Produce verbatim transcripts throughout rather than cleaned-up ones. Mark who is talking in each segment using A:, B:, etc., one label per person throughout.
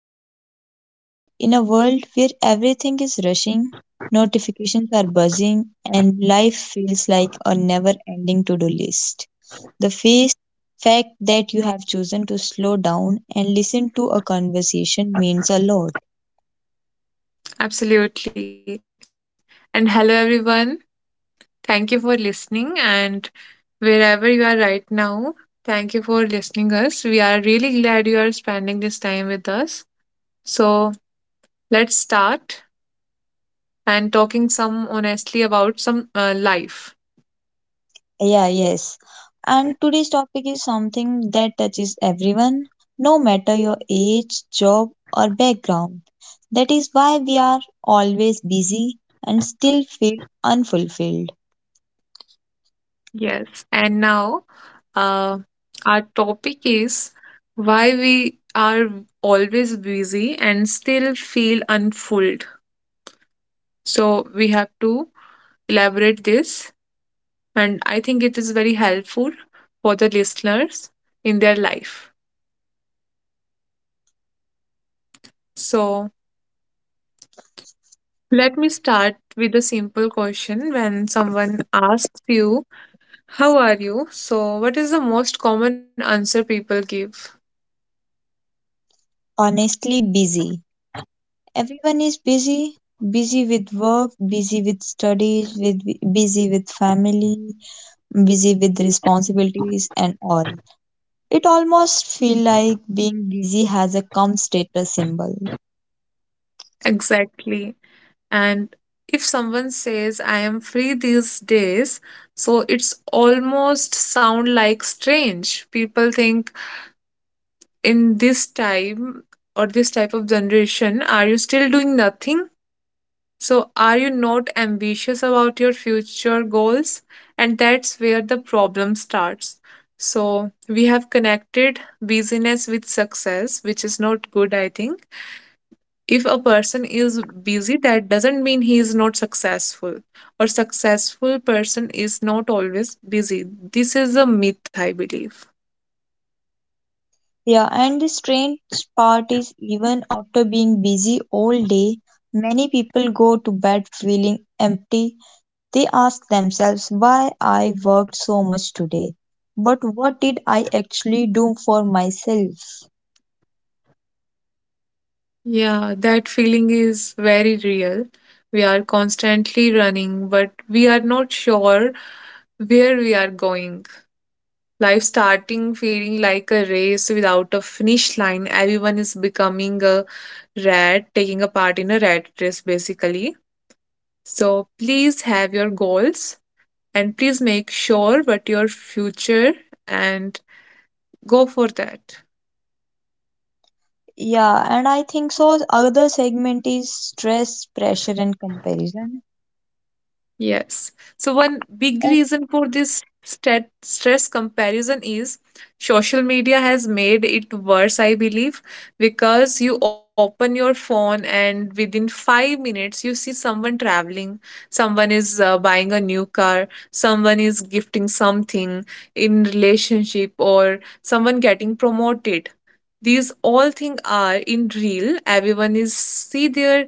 A: Thank you for being there. In a world where everything is rushing, notifications are buzzing, and life feels like a never ending to do list, the face, fact that you have chosen to slow down and listen to a conversation means a lot.
B: Absolutely. And hello, everyone. Thank you for listening. And wherever you are right now, thank you for listening us. We are really glad you are spending this time with us. So let's start and talking some honestly about some uh, life.
A: Yeah, yes. And today's topic is something that touches everyone, no matter your age, job, or background. That is why we are always busy and still feel unfulfilled.
B: Yes. And now, uh, our topic is why we are always busy and still feel unfulfilled. So we have to elaborate this, and I think it is very helpful for the listeners in their life. So, let me start with a simple question. When someone asks you, how are you? So, what is the most common answer people give?
A: Honestly, busy. Everyone is busy, busy with work, busy with studies, with busy with family, busy with responsibilities and all. It almost feel like being busy has a come status symbol.
B: Exactly. And if someone says, I am free these days, so it's almost sound like strange. People think, in this time or this type of generation, are you still doing nothing? So, are you not ambitious about your future goals? And that's where the problem starts. So, we have connected busyness with success, which is not good, I think. If a person is busy, that doesn't mean he is not successful, or successful person is not always busy. This is a myth, I believe.
A: Yeah, and the strange part is even after being busy all day, many people go to bed feeling empty. They ask themselves why I worked so much today, but what did I actually do for myself?
B: Yeah, that feeling is very real. We are constantly running, but we are not sure where we are going. Life starting feeling like a race without a finish line. Everyone is becoming a rat, taking a part in a rat race basically. So please have your goals and please make sure what your future and go for that.
A: Yeah, and I think so. Other segment is stress, pressure, and comparison.
B: Yes. So one big reason for this stat- stress comparison is social media has made it worse, I believe, because you open your phone and within five minutes you see someone traveling, someone is uh, buying a new car, someone is gifting something in relationship, or someone getting promoted. These all things are in real. Everyone is see their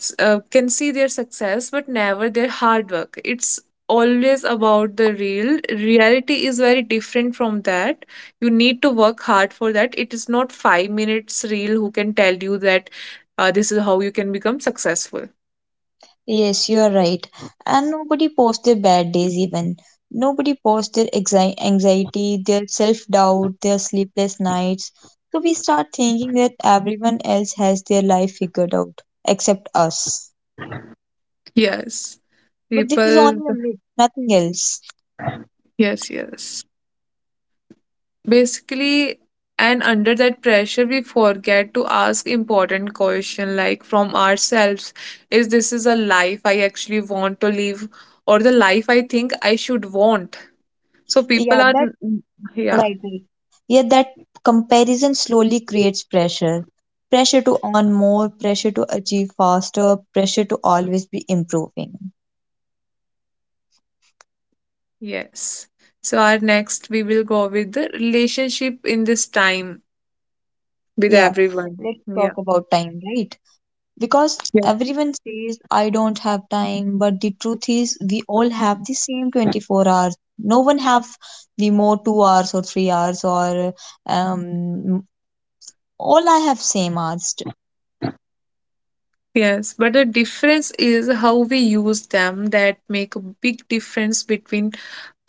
B: s- uh, can see their success but never their hard work. It's always about the real. Reality is very different from that. You need to work hard for that. It is not five minutes real who can tell you that uh, this is how you can become successful.
A: Yes, you are right. And nobody posts their bad days even. Nobody posts their exi- anxiety, their self doubt, their sleepless nights. So we start thinking that everyone else has their life figured out except us.
B: Yes.
A: But this is
B: People,
A: only a myth, nothing else.
B: yes, yes, basically, and under that pressure we forget to ask important question like from ourselves, is this is a life I actually want to live, or the life I think I should want? So people
A: Yeah,
B: are,
A: that
B: yeah,
A: right, right. Yeah, that comparison slowly creates pressure. Pressure to earn more, pressure to achieve faster, pressure to always be improving.
B: yes, so our next we will go with the relationship in this time with
A: Yeah,
B: everyone,
A: let's
B: yeah.
A: talk about time, right? Because everyone says I don't have time, but the truth is we all have the same twenty-four hours. No one have the more two hours or three hours or um all I have same hours.
B: Yes, but the difference is how we use them that make a big difference between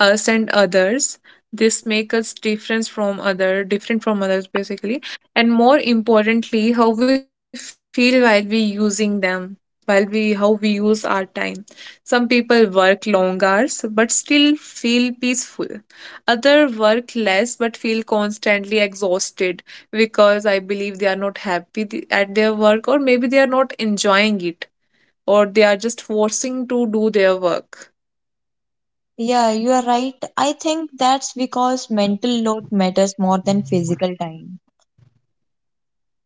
B: us and others. This make us difference from other, different from others basically, and more importantly, how we feel while we using them, while we how we use our time. Some people work long hours but still feel peaceful. Other work less but feel constantly exhausted because I believe they are not happy th- at their work, or maybe they are not enjoying it, or they are just forcing to do their work.
A: Yeah, you are right. I think that's because mental load matters more than physical time.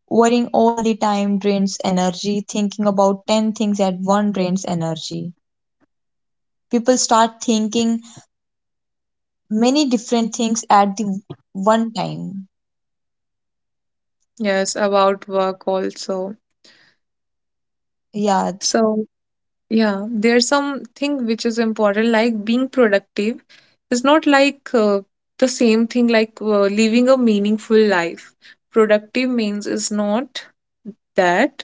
A: Worrying all the time drains energy. Thinking about ten things at once drains energy. People start thinking many different things at the one time.
B: Yes, about work also.
A: Yeah.
B: So, yeah, there's something which is important, like being productive is not like uh, the same thing like uh, living a meaningful life. Productive means is not that.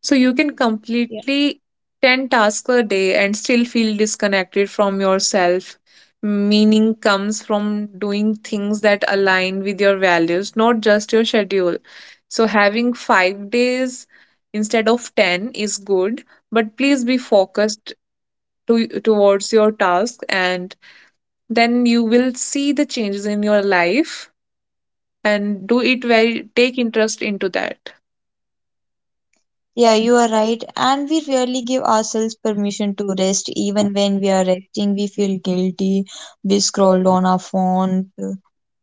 B: So you can completely ten tasks a day and still feel disconnected from yourself. Meaning comes from doing things that align with your values, not just your schedule. So having five days instead of ten is good, but please be focused to, towards your task and then you will see the changes in your life and do it very take interest into that.
A: Yeah, you are right. And we rarely give ourselves permission to rest. Even when we are resting, we feel guilty. We scroll on our phone, uh,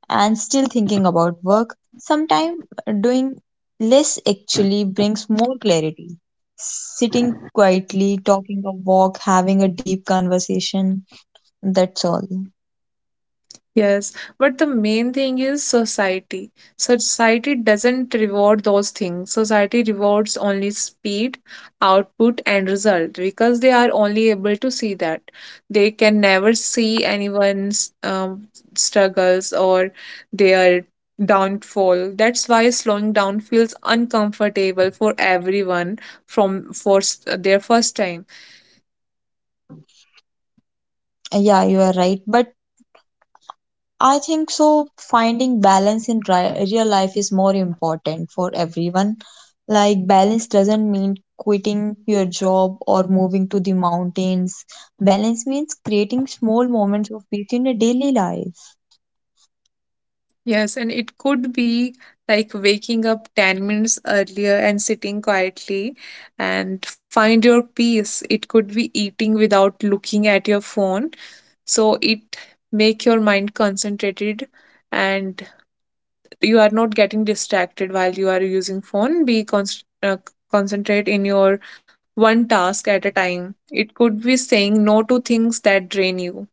A: and still thinking about work. Sometimes doing less actually brings more clarity. Sitting quietly, talking a walk, having a deep conversation. That's all.
B: Yes, but the main thing is society. Society doesn't reward those things. Society rewards only speed, output, and result because they are only able to see that. They can never see anyone's um, struggles or their downfall. That's why slowing down feels uncomfortable for everyone from for s- their first time.
A: Yeah, you are right. But I think so. Finding balance in ri- real life is more important for everyone. Like, balance doesn't mean quitting your job or moving to the mountains. Balance means creating small moments of peace in a daily life.
B: Yes, and it could be like waking up ten minutes earlier and sitting quietly and find your peace. It could be eating without looking at your phone. So it make your mind concentrated and you are not getting distracted while you are using phone. Be const uh, Concentrate in your one task at a time. It could be saying no to things that drain you.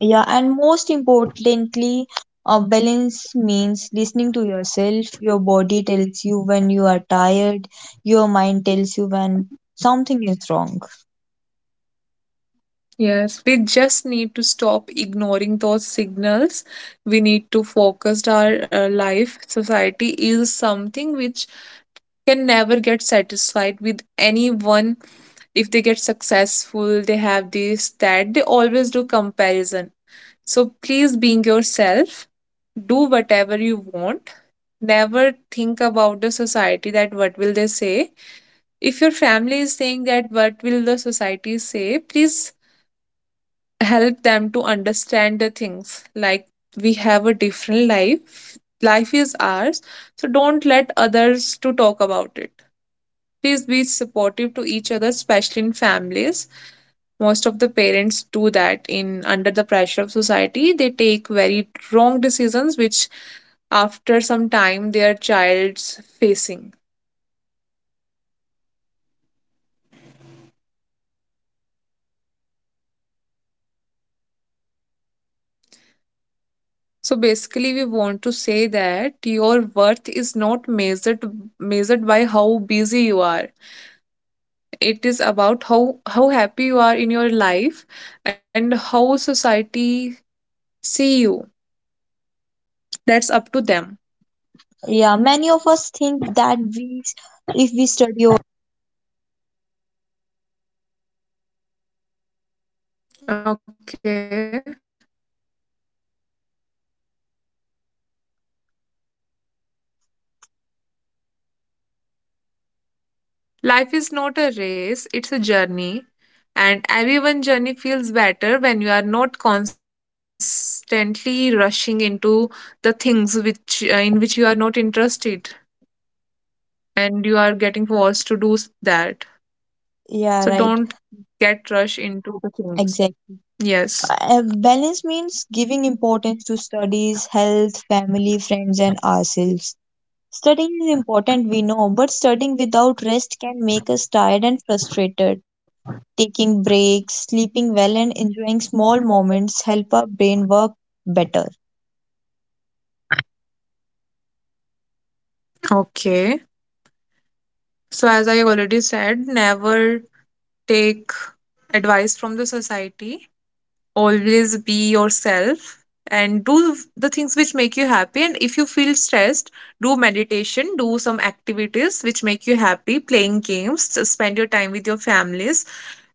A: Yeah, and most importantly, uh, balance means listening to yourself. Your body tells you when you are tired, your mind tells you when something is wrong.
B: Yes, we just need to stop ignoring those signals. We need to focus our uh, life. Society is something which can never get satisfied with anyone. If they get successful, they have this, that, they always do comparison. So please being yourself, do whatever you want. Never think about the society that what will they say. If your family is saying that what will the society say, please help them to understand the things like we have a different life. Life is ours, so don't let others to talk about it. Please be supportive to each other, especially in families. Most of the parents do that in under the pressure of society. They take very wrong decisions which after some time their child's facing. So basically we want to say that your worth is not measured measured by how busy you are. It is about how how happy you are in your life, and how society see you, that's up to them.
A: Yeah, many of us think that we if we study.
B: Okay. Life is not a race, it's a journey. And everyone's journey feels better when you are not constantly rushing into the things which uh, in which you are not interested and you are getting forced to do s- that. So don't
A: Yeah, right.
B: get rushed into the things.
A: Exactly.
B: Yes.
A: Uh, uh, balance means giving importance to studies, health, family, friends, and ourselves. Studying is important, we know, but studying without rest can make us tired and frustrated. Taking breaks, sleeping well, and enjoying small moments help our brain work better.
B: Okay. So as I already said, never take advice from the society, always be yourself and do the things which make you happy, and if you feel stressed, do meditation, do some activities which make you happy, playing games, just spend your time with your families.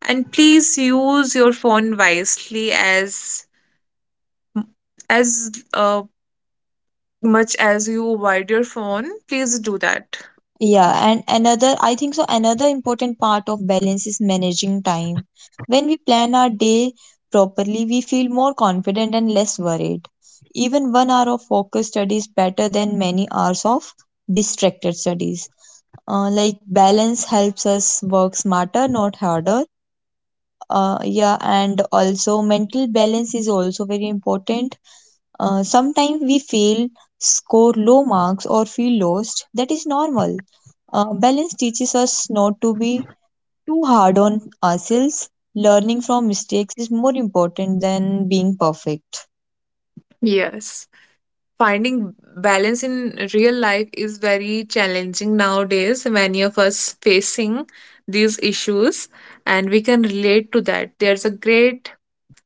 B: And please use your phone wisely. as as uh, much as you avoid your phone, please do that.
A: Yeah, and another, I think so, another important part of balance is managing time. When we plan our day properly, we feel more confident and less worried. Even one hour of focused study is better than many hours of distracted studies. Uh, like, balance helps us work smarter, not harder. Uh, yeah, and also mental balance is also very important. Uh, sometimes we fail, score low marks, or feel lost. That is normal. Uh, balance teaches us not to be too hard on ourselves. Learning from mistakes is more important than being perfect.
B: Yes, finding balance in real life is very challenging nowadays. Many of us facing these issues, and we can relate to that. There's a great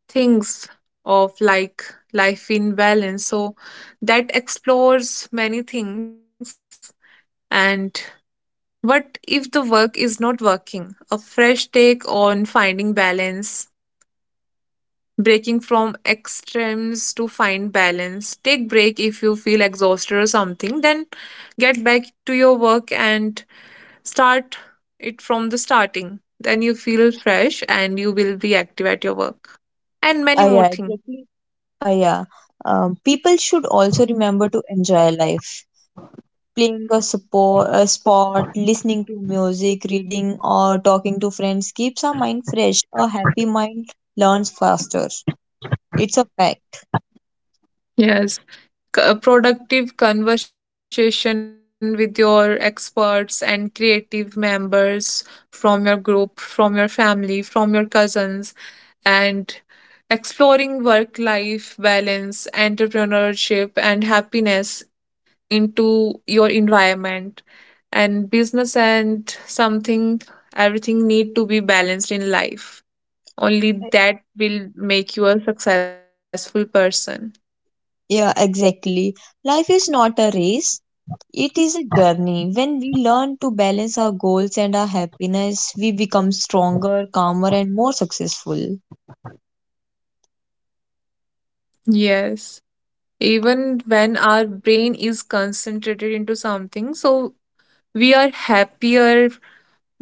B: things of like life in balance, so that explores many things, and what if the work is not working, a fresh take on finding balance, breaking from extremes to find balance. Take break if you feel exhausted or something, then get back to your work and start it from the starting, then you feel fresh and you will be active at your work, and
A: Ah,
B: many
A: yeah,
B: more things.
A: exactly. Ah, yeah. Um, people should also remember to enjoy life. Playing a, support, a sport, listening to music, reading, or talking to friends keeps our mind fresh. A happy mind learns faster. It's a fact.
B: Yes. C- uh, productive conversation with your experts and creative members from your group, from your family, from your cousins, and exploring work life balance, entrepreneurship, and happiness into your environment and business and something. Everything need to be balanced in life, only that will make you a successful person.
A: Yeah, exactly. Life is not a race, it is a journey. When we learn to balance our goals and our happiness, we become stronger, calmer, and more successful.
B: Yes, even when our brain is concentrated into something, so we are happier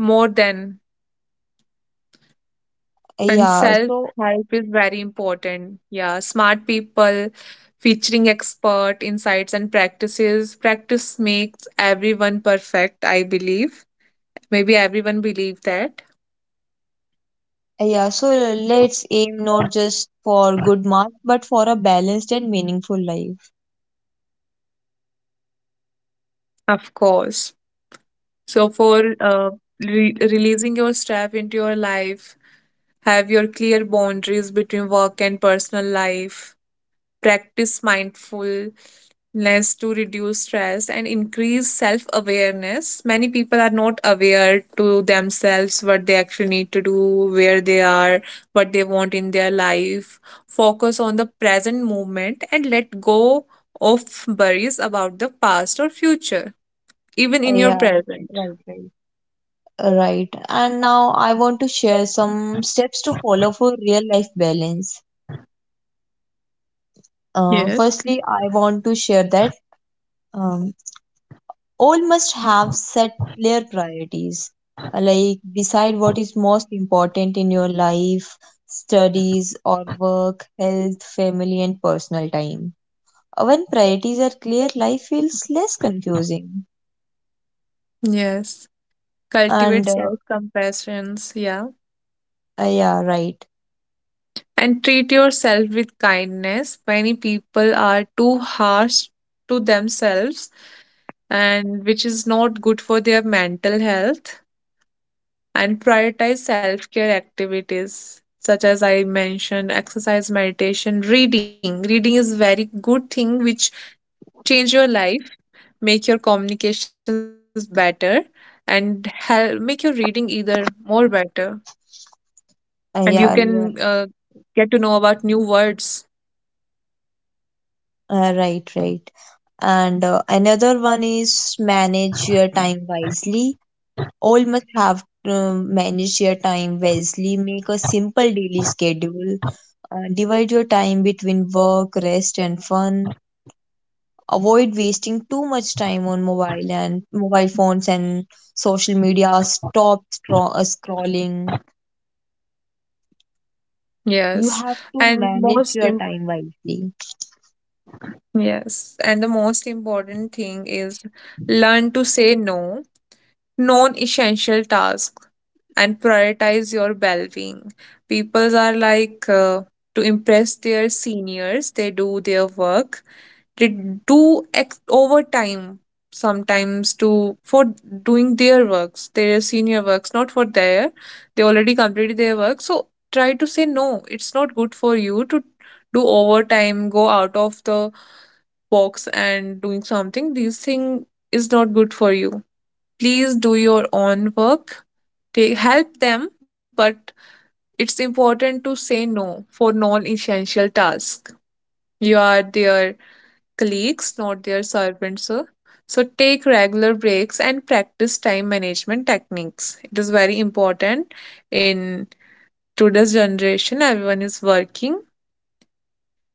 B: more than. And
A: Yeah,
B: self
A: so
B: help is very important. Yeah, smart people featuring expert insights and practices. Practice makes everyone perfect, I believe, maybe everyone believe that.
A: yeah, so let's aim not just for good marks, but for a balanced and meaningful life.
B: Of course. So for uh, re- releasing your stress into your life, have your clear boundaries between work and personal life. Practice mindfulness to reduce stress and increase self awareness. Many people are not aware to themselves what they actually need to do, where they are, what they want in their life. Focus on the present moment and let go of worries about the past or future, even in your
A: Yeah,
B: present.
A: right, right. Right. And now I want to share some steps to follow for real life balance. Uh,
B: Yes.
A: firstly, I want to share that. Um, all must have set clear priorities, uh, like decide what is most important in your life: studies or work, health, family, and personal time. Uh, when priorities are clear, life feels less confusing.
B: Yes. Cultivate
A: And uh,
B: self compassion. Yeah.
A: uh, yeah, right.
B: And treat yourself with kindness. Many people are too harsh to themselves, and which is not good for their mental health. And prioritize self care activities such as I mentioned, exercise, meditation, reading. Reading is very good thing which change your life, make your communications better, and help make your reading either more better. And you
A: Uh, yeah,
B: can
A: you are
B: uh, get to know about new words.
A: uh, right, right. And uh, another one is manage your time wisely. All must have to manage your time wisely, make a simple daily schedule. Uh, divide your time between work, rest, and fun. Avoid wasting too much time on mobile and mobile phones and social media. Stop scro- uh, scrolling. You
B: Yes,
A: have to
B: and
A: manage
B: most
A: your
B: im
A: time wisely.
B: yes, and the most important thing is learn to say no, non-essential tasks, and prioritize your well-being. People are like uh, to impress their seniors, they do their work, they do ex- overtime sometimes to for doing their works, their senior works, not for their. They already completed their work, so try to say no. It's not good for you to do overtime, go out of the box and doing something. These thing is not good for you. Please do your own work, take help them, but it's important to say no for non essential tasks. You are there colleagues, not their servants, sir. So take regular breaks and practice time management techniques. It is very important in today's generation. Everyone is working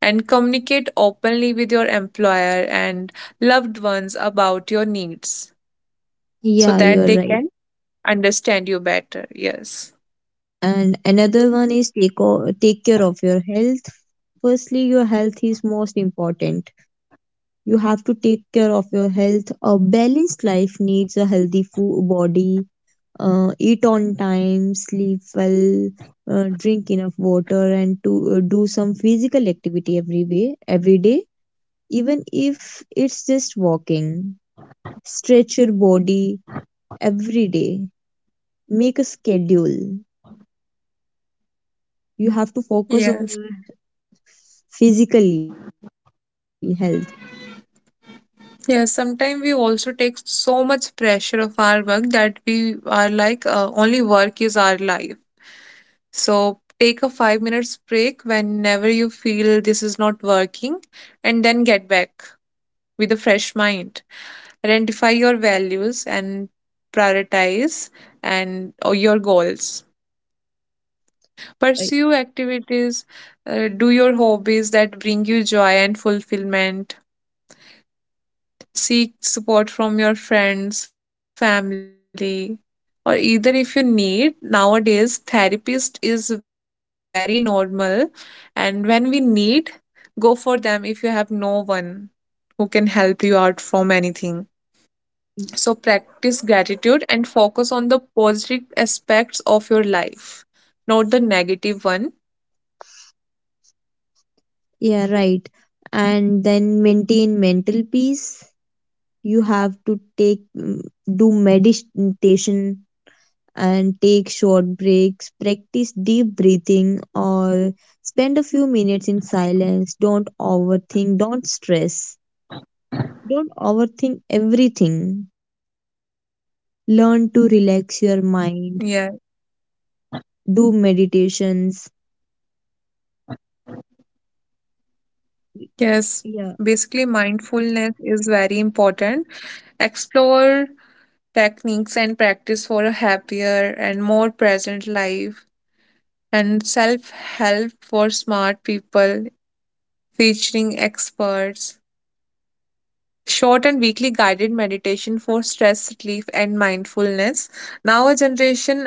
B: and communicate openly with your employer and loved ones about your needs so
A: Yeah,
B: that
A: you're
B: they
A: right.
B: can understand you better. Yes.
A: And another one is take o- take care of your health. Firstly, your health is most important. You have to take care of your health. A balanced life needs a healthy food body. Uh, eat on time, sleep well, uh, drink enough water, and to uh, do some physical activity every way, every day, even if it's just walking. Stretch your body every day. Make a schedule. You have to focus
B: Yes.
A: on your physically health.
B: Yes, sometimes we also take so much pressure of our work that we are like uh, only work is our life. So take a five minutes break whenever you feel this is not working and then get back with a fresh mind. Identify your values and prioritize and or your goals.
A: Uh,
B: Pursue activities, uh, do your hobbies that bring you joy and fulfillment. Seek support from your friends, family, or either if you need. Nowadays, therapist is very normal, and when we need, go for them if you have no one who can help you out from anything. So, practice gratitude and focus on the positive aspects of your life, not the negative one.
A: Yeah, right. And then maintain mental peace. You have to take mm, do meditation and take short breaks, practice deep breathing, or spend a few minutes in silence. Don't overthink, don't stress, don't overthink everything. Learn to relax your
B: Yeah,
A: mind, do meditations.
B: yes.
A: Yeah,
B: Basically, mindfulness is very important. Explore techniques and practice for a happier and more present life, and self help for smart people featuring experts. Short and weekly guided meditation for stress relief and mindfulness. Now, a generation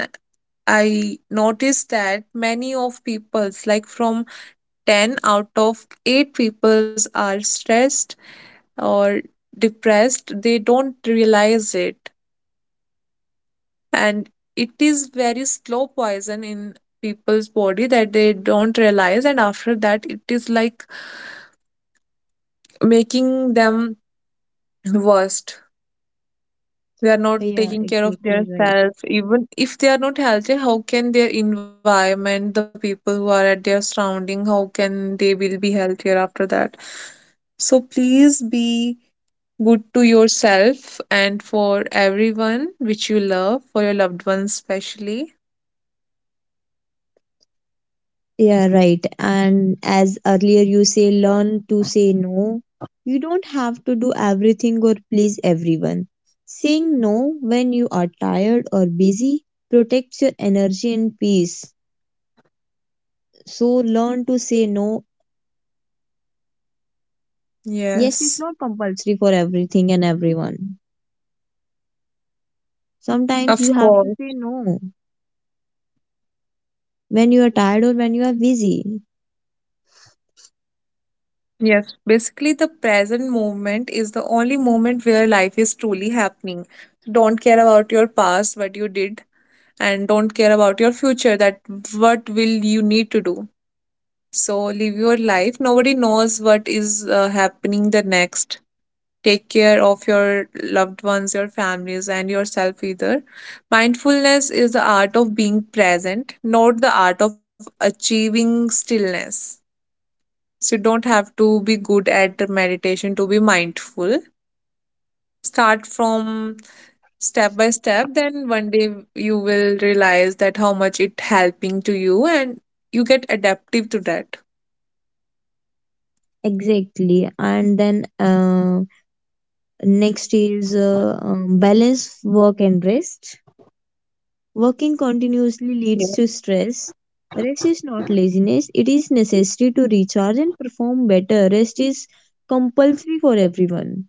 B: I noticed that many of peoples, like from ten out of eight peoples, are stressed or depressed. They don't realize it, and it is very slow poison in people's body that they don't realize, and after that it is like making them worst. They are not
A: yeah,
B: taking care of their
A: exactly right.
B: self. Even if they are not healthy, how can their environment, the people who are at their surrounding, how can they will be healthier after that? So please be good to yourself and for everyone which you love, for your loved ones especially.
A: Yeah, right. And as earlier you say, learn to say no. You don't have to do everything or please everyone. Saying no when you are tired or busy protects your energy and peace. So learn to say no. Yes is
B: Yes,
A: not compulsory for everything and everyone. Sometimes you
B: of
A: have to
B: course.
A: say no when you are tired or when you are busy.
B: Yes, basically, the present moment is the only moment where life is truly happening. So, don't care about your past, what you did, and don't care about your future, that what will you need to do. So live your life. Nobody knows what is uh, happening the next. Take care of your loved ones, your families, and yourself either. Mindfulness is the art of being present, not the art of achieving stillness. So you don't have to be good at meditation to be mindful. Start from step by step, then one day you will realize that how much it helping to you, and you get adaptive to that.
A: Exactly. And then uh, next is uh, um, balance work and rest. Working
B: Yeah.
A: continuously leads to stress. Rest is not laziness, it is necessary to recharge and perform better. Rest is compulsory for everyone.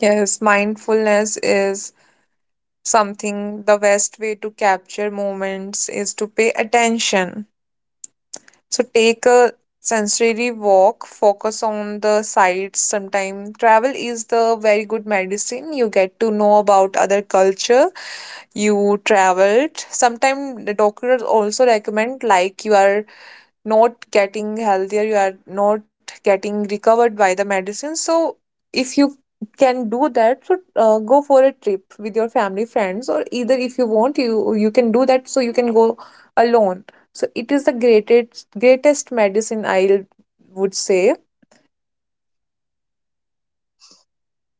B: Yes, mindfulness is something the best way to capture moments is to pay attention. So take a sensory walk, focus on the sights. Sometimes travel is the very good medicine. You get to know about other culture. You traveled sometimes the doctors also recommend, like you are not getting healthier, you are not getting recovered by the medicine. So if you can do that, so uh, go for a trip with your family, friends, or either if you want, you you can do that, so you can go alone. So it is the greatest greatest medicine, I would say.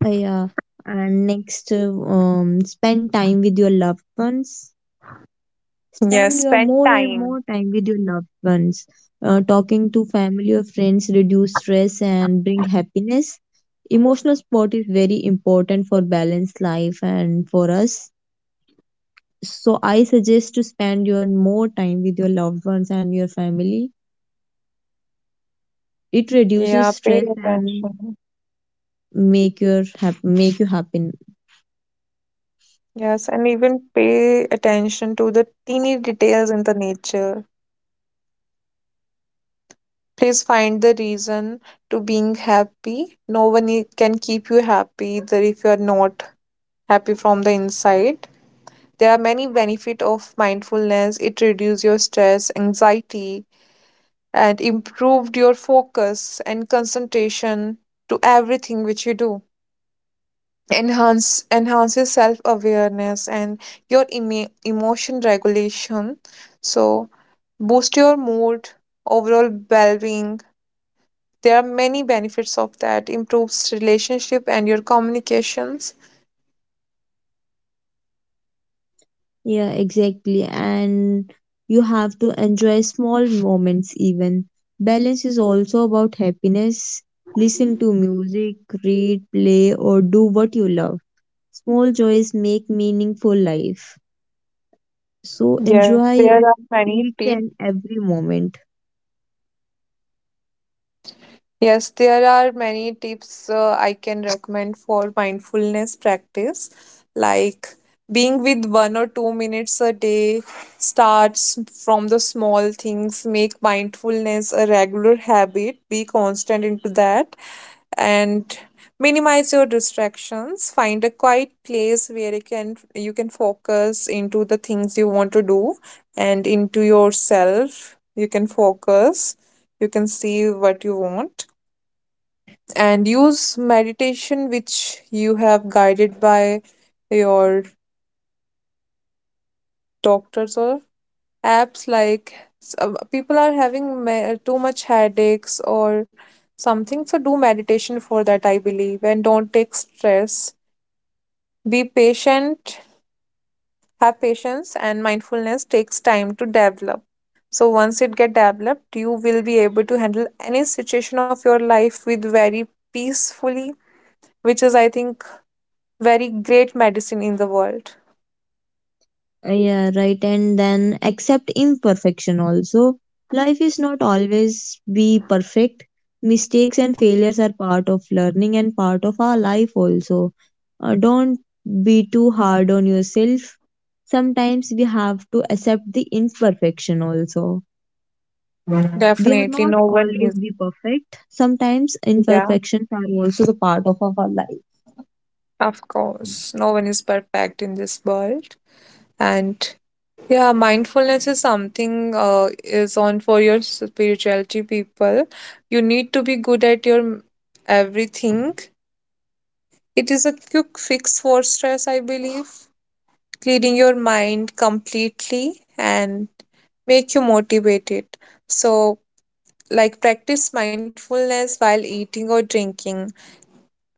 A: Uh, yeah. And next, uh, um, spend time with your loved ones. Spend
B: Yes,
A: your
B: spend
A: more and more
B: time.
A: time with your loved ones. Uh, talking to family or friends reduce stress and bring happiness. Emotional support is very important for balanced life and for us. So I suggest to spend your more time with your loved ones and your family. It
B: Yeah,
A: reduces
B: pay
A: stress and
B: attention.
A: make your hap- make you happy.
B: Yes, and even pay attention to the teeny details in the nature. Please find the reason to being happy. No one i- can keep you happy either if you are not happy from the inside. There are many benefit of mindfulness. It reduce your stress, anxiety, and improved your focus and concentration to everything which you do. Enhance Enhances self awareness and your emo emotion regulation. So boost your mood, overall well-being. There are many benefits of that. Improves relationship and your communications.
A: Yeah, exactly. And you have to enjoy small moments even. Balance is also about happiness. Listen to music, read, play or do what you love. Small joys make meaningful life. So
B: Yes,
A: enjoy
B: there
A: your
B: are many
A: each
B: tips.
A: and every moment.
B: Yes, there are many tips uh, I can recommend for mindfulness practice, like being with one or two minutes a day, starts from the small things, make mindfulness a regular habit, be constant into that. And minimize your distractions. Find a quiet place where you can you can focus into the things you want to do, and into yourself you can focus, you can see what you want, and use meditation which you have guided by your doctors or apps. Like some people are having me- too much headaches or something, so do meditation for that, I believe, and don't take stress. Be patient, have patience, and mindfulness takes time to develop. So once it get developed, you will be able to handle any situation of your life with very peacefully, which is I think very great medicine in the world.
A: Uh, yeah, right. And then accept imperfection also. Life is not always be perfect. Mistakes and failures are part of learning and part of our life also. Uh, don't be too hard on yourself. Sometimes we have to accept the imperfection also. We are
B: Definitely,
A: not
B: no one
A: always
B: is.
A: be perfect. Sometimes
B: Yeah,
A: imperfections are also the part of our life.
B: of course, no one is perfect in this world, and yeah, mindfulness is something uh, is on for your spirituality people. You need to be good at your everything. It is a quick fix for stress, I believe, cleaning your mind completely and make you motivated. So, like practice mindfulness while eating or drinking,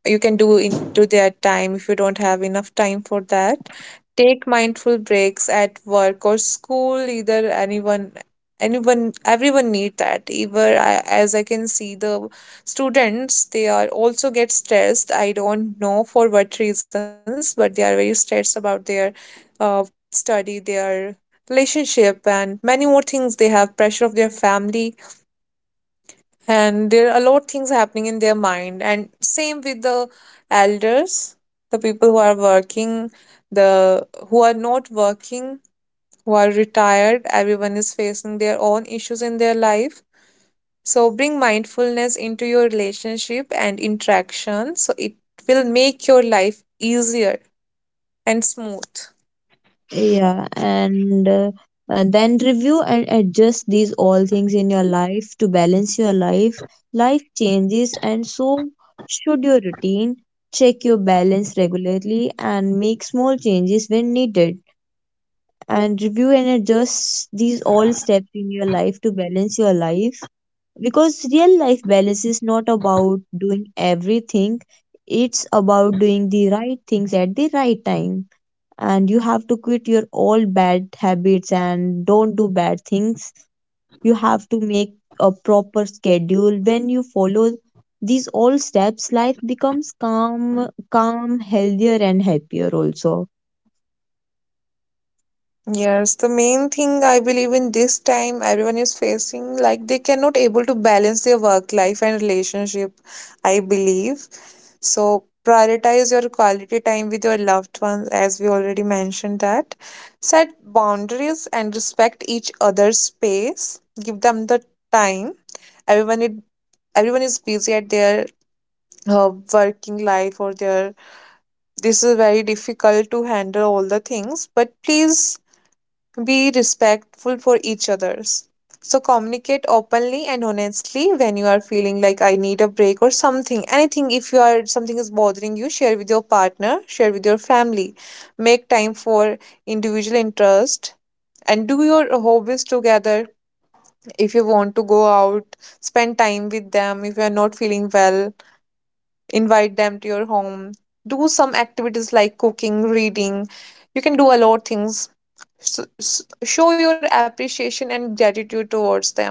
B: you can do into their time if you don't have enough time for that. Take mindful breaks at work or school, either anyone, anyone everyone need that. Either I, as I can see the students, they are also get stressed. I don't know for what reasons, but they are very stressed about their uh, study, their relationship, and many more things. They have pressure of their family, and there are a lot of things happening in their mind, and same with the elders, the people who are working, the who are not working, who are retired. Everyone is facing their own issues in their life. So bring mindfulness into your relationship and interaction, so it will make your life easier and smooth.
A: Yeah, and uh, uh, then review and adjust these all things in your life to balance your life. Life changes, and so should your routine. Check your balance regularly and make small changes when needed. And review and adjust these all steps in your life to balance your life. Because real life balance is not about doing everything, it's about doing the right things at the right time, and you have to quit your old bad habits and don't do bad things. You have to make a proper schedule. When you follow these all steps, life becomes calm, calm, healthier, and happier also.
B: Yes, the main thing I believe in this time everyone is facing like they cannot able to balance their work life and relationship, I believe. So prioritize your quality time with your loved ones as we already mentioned that. Set boundaries and respect each other's space. Give them the time. Everyone it everyone is busy at their uh, working life or their this is very difficult to handle all the things, but please be respectful for each others. So communicate openly and honestly when you are feeling like I need a break or something. Anything if you are something is bothering you, share with your partner, share with your family. Make time for individual interest and do your hobbies together. If you want to go out, spend time with them. If you are not feeling well, invite them to your home. Do some activities like cooking, reading. You can do a lot of things. s- s- Show your appreciation and gratitude towards them,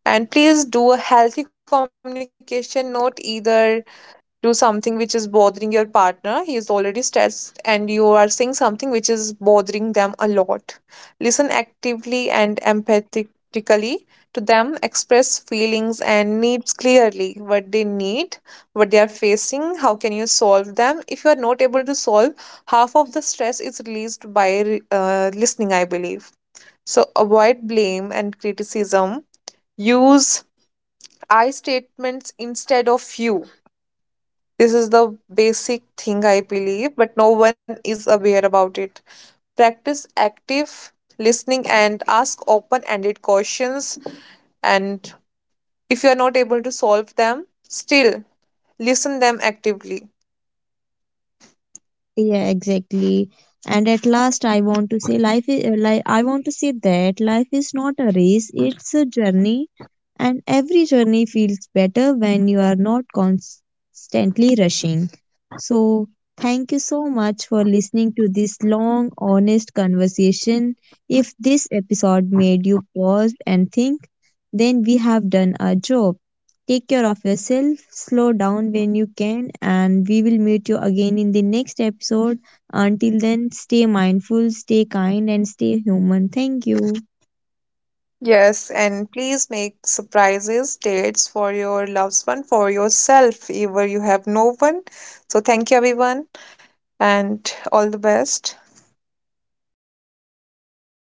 B: and please do a healthy communication. Not either do something which is bothering your partner. He is already stressed, and you are saying something which is bothering them a lot. Listen actively and empathetically to them, express feelings and needs clearly, what they need, what they are facing, how can you solve them. If you are not able to solve, half of the stress is released by re- uh, listening, I believe. So avoid blame and criticism. Use I statements instead of you. This is the basic thing I believe, but no one is aware about it. Practice active listening and ask open ended questions. And if you are not able to solve them, still listen them actively.
A: Yeah, exactly. And at last, I want to say life is uh, like I want to say that life is not a race, it's a journey, and every journey feels better when you are not constantly rushing. So, thank you so much for listening to this long, honest conversation. If this episode made you pause and think, then we have done our job. Take care of yourself, slow down when you can, and we will meet you again in the next episode. Until then, stay mindful, stay kind, and stay human. Thank you.
B: Yes, and please make surprises, dates for your loved one, for yourself, if you have no one. So, thank you, everyone, and all the best.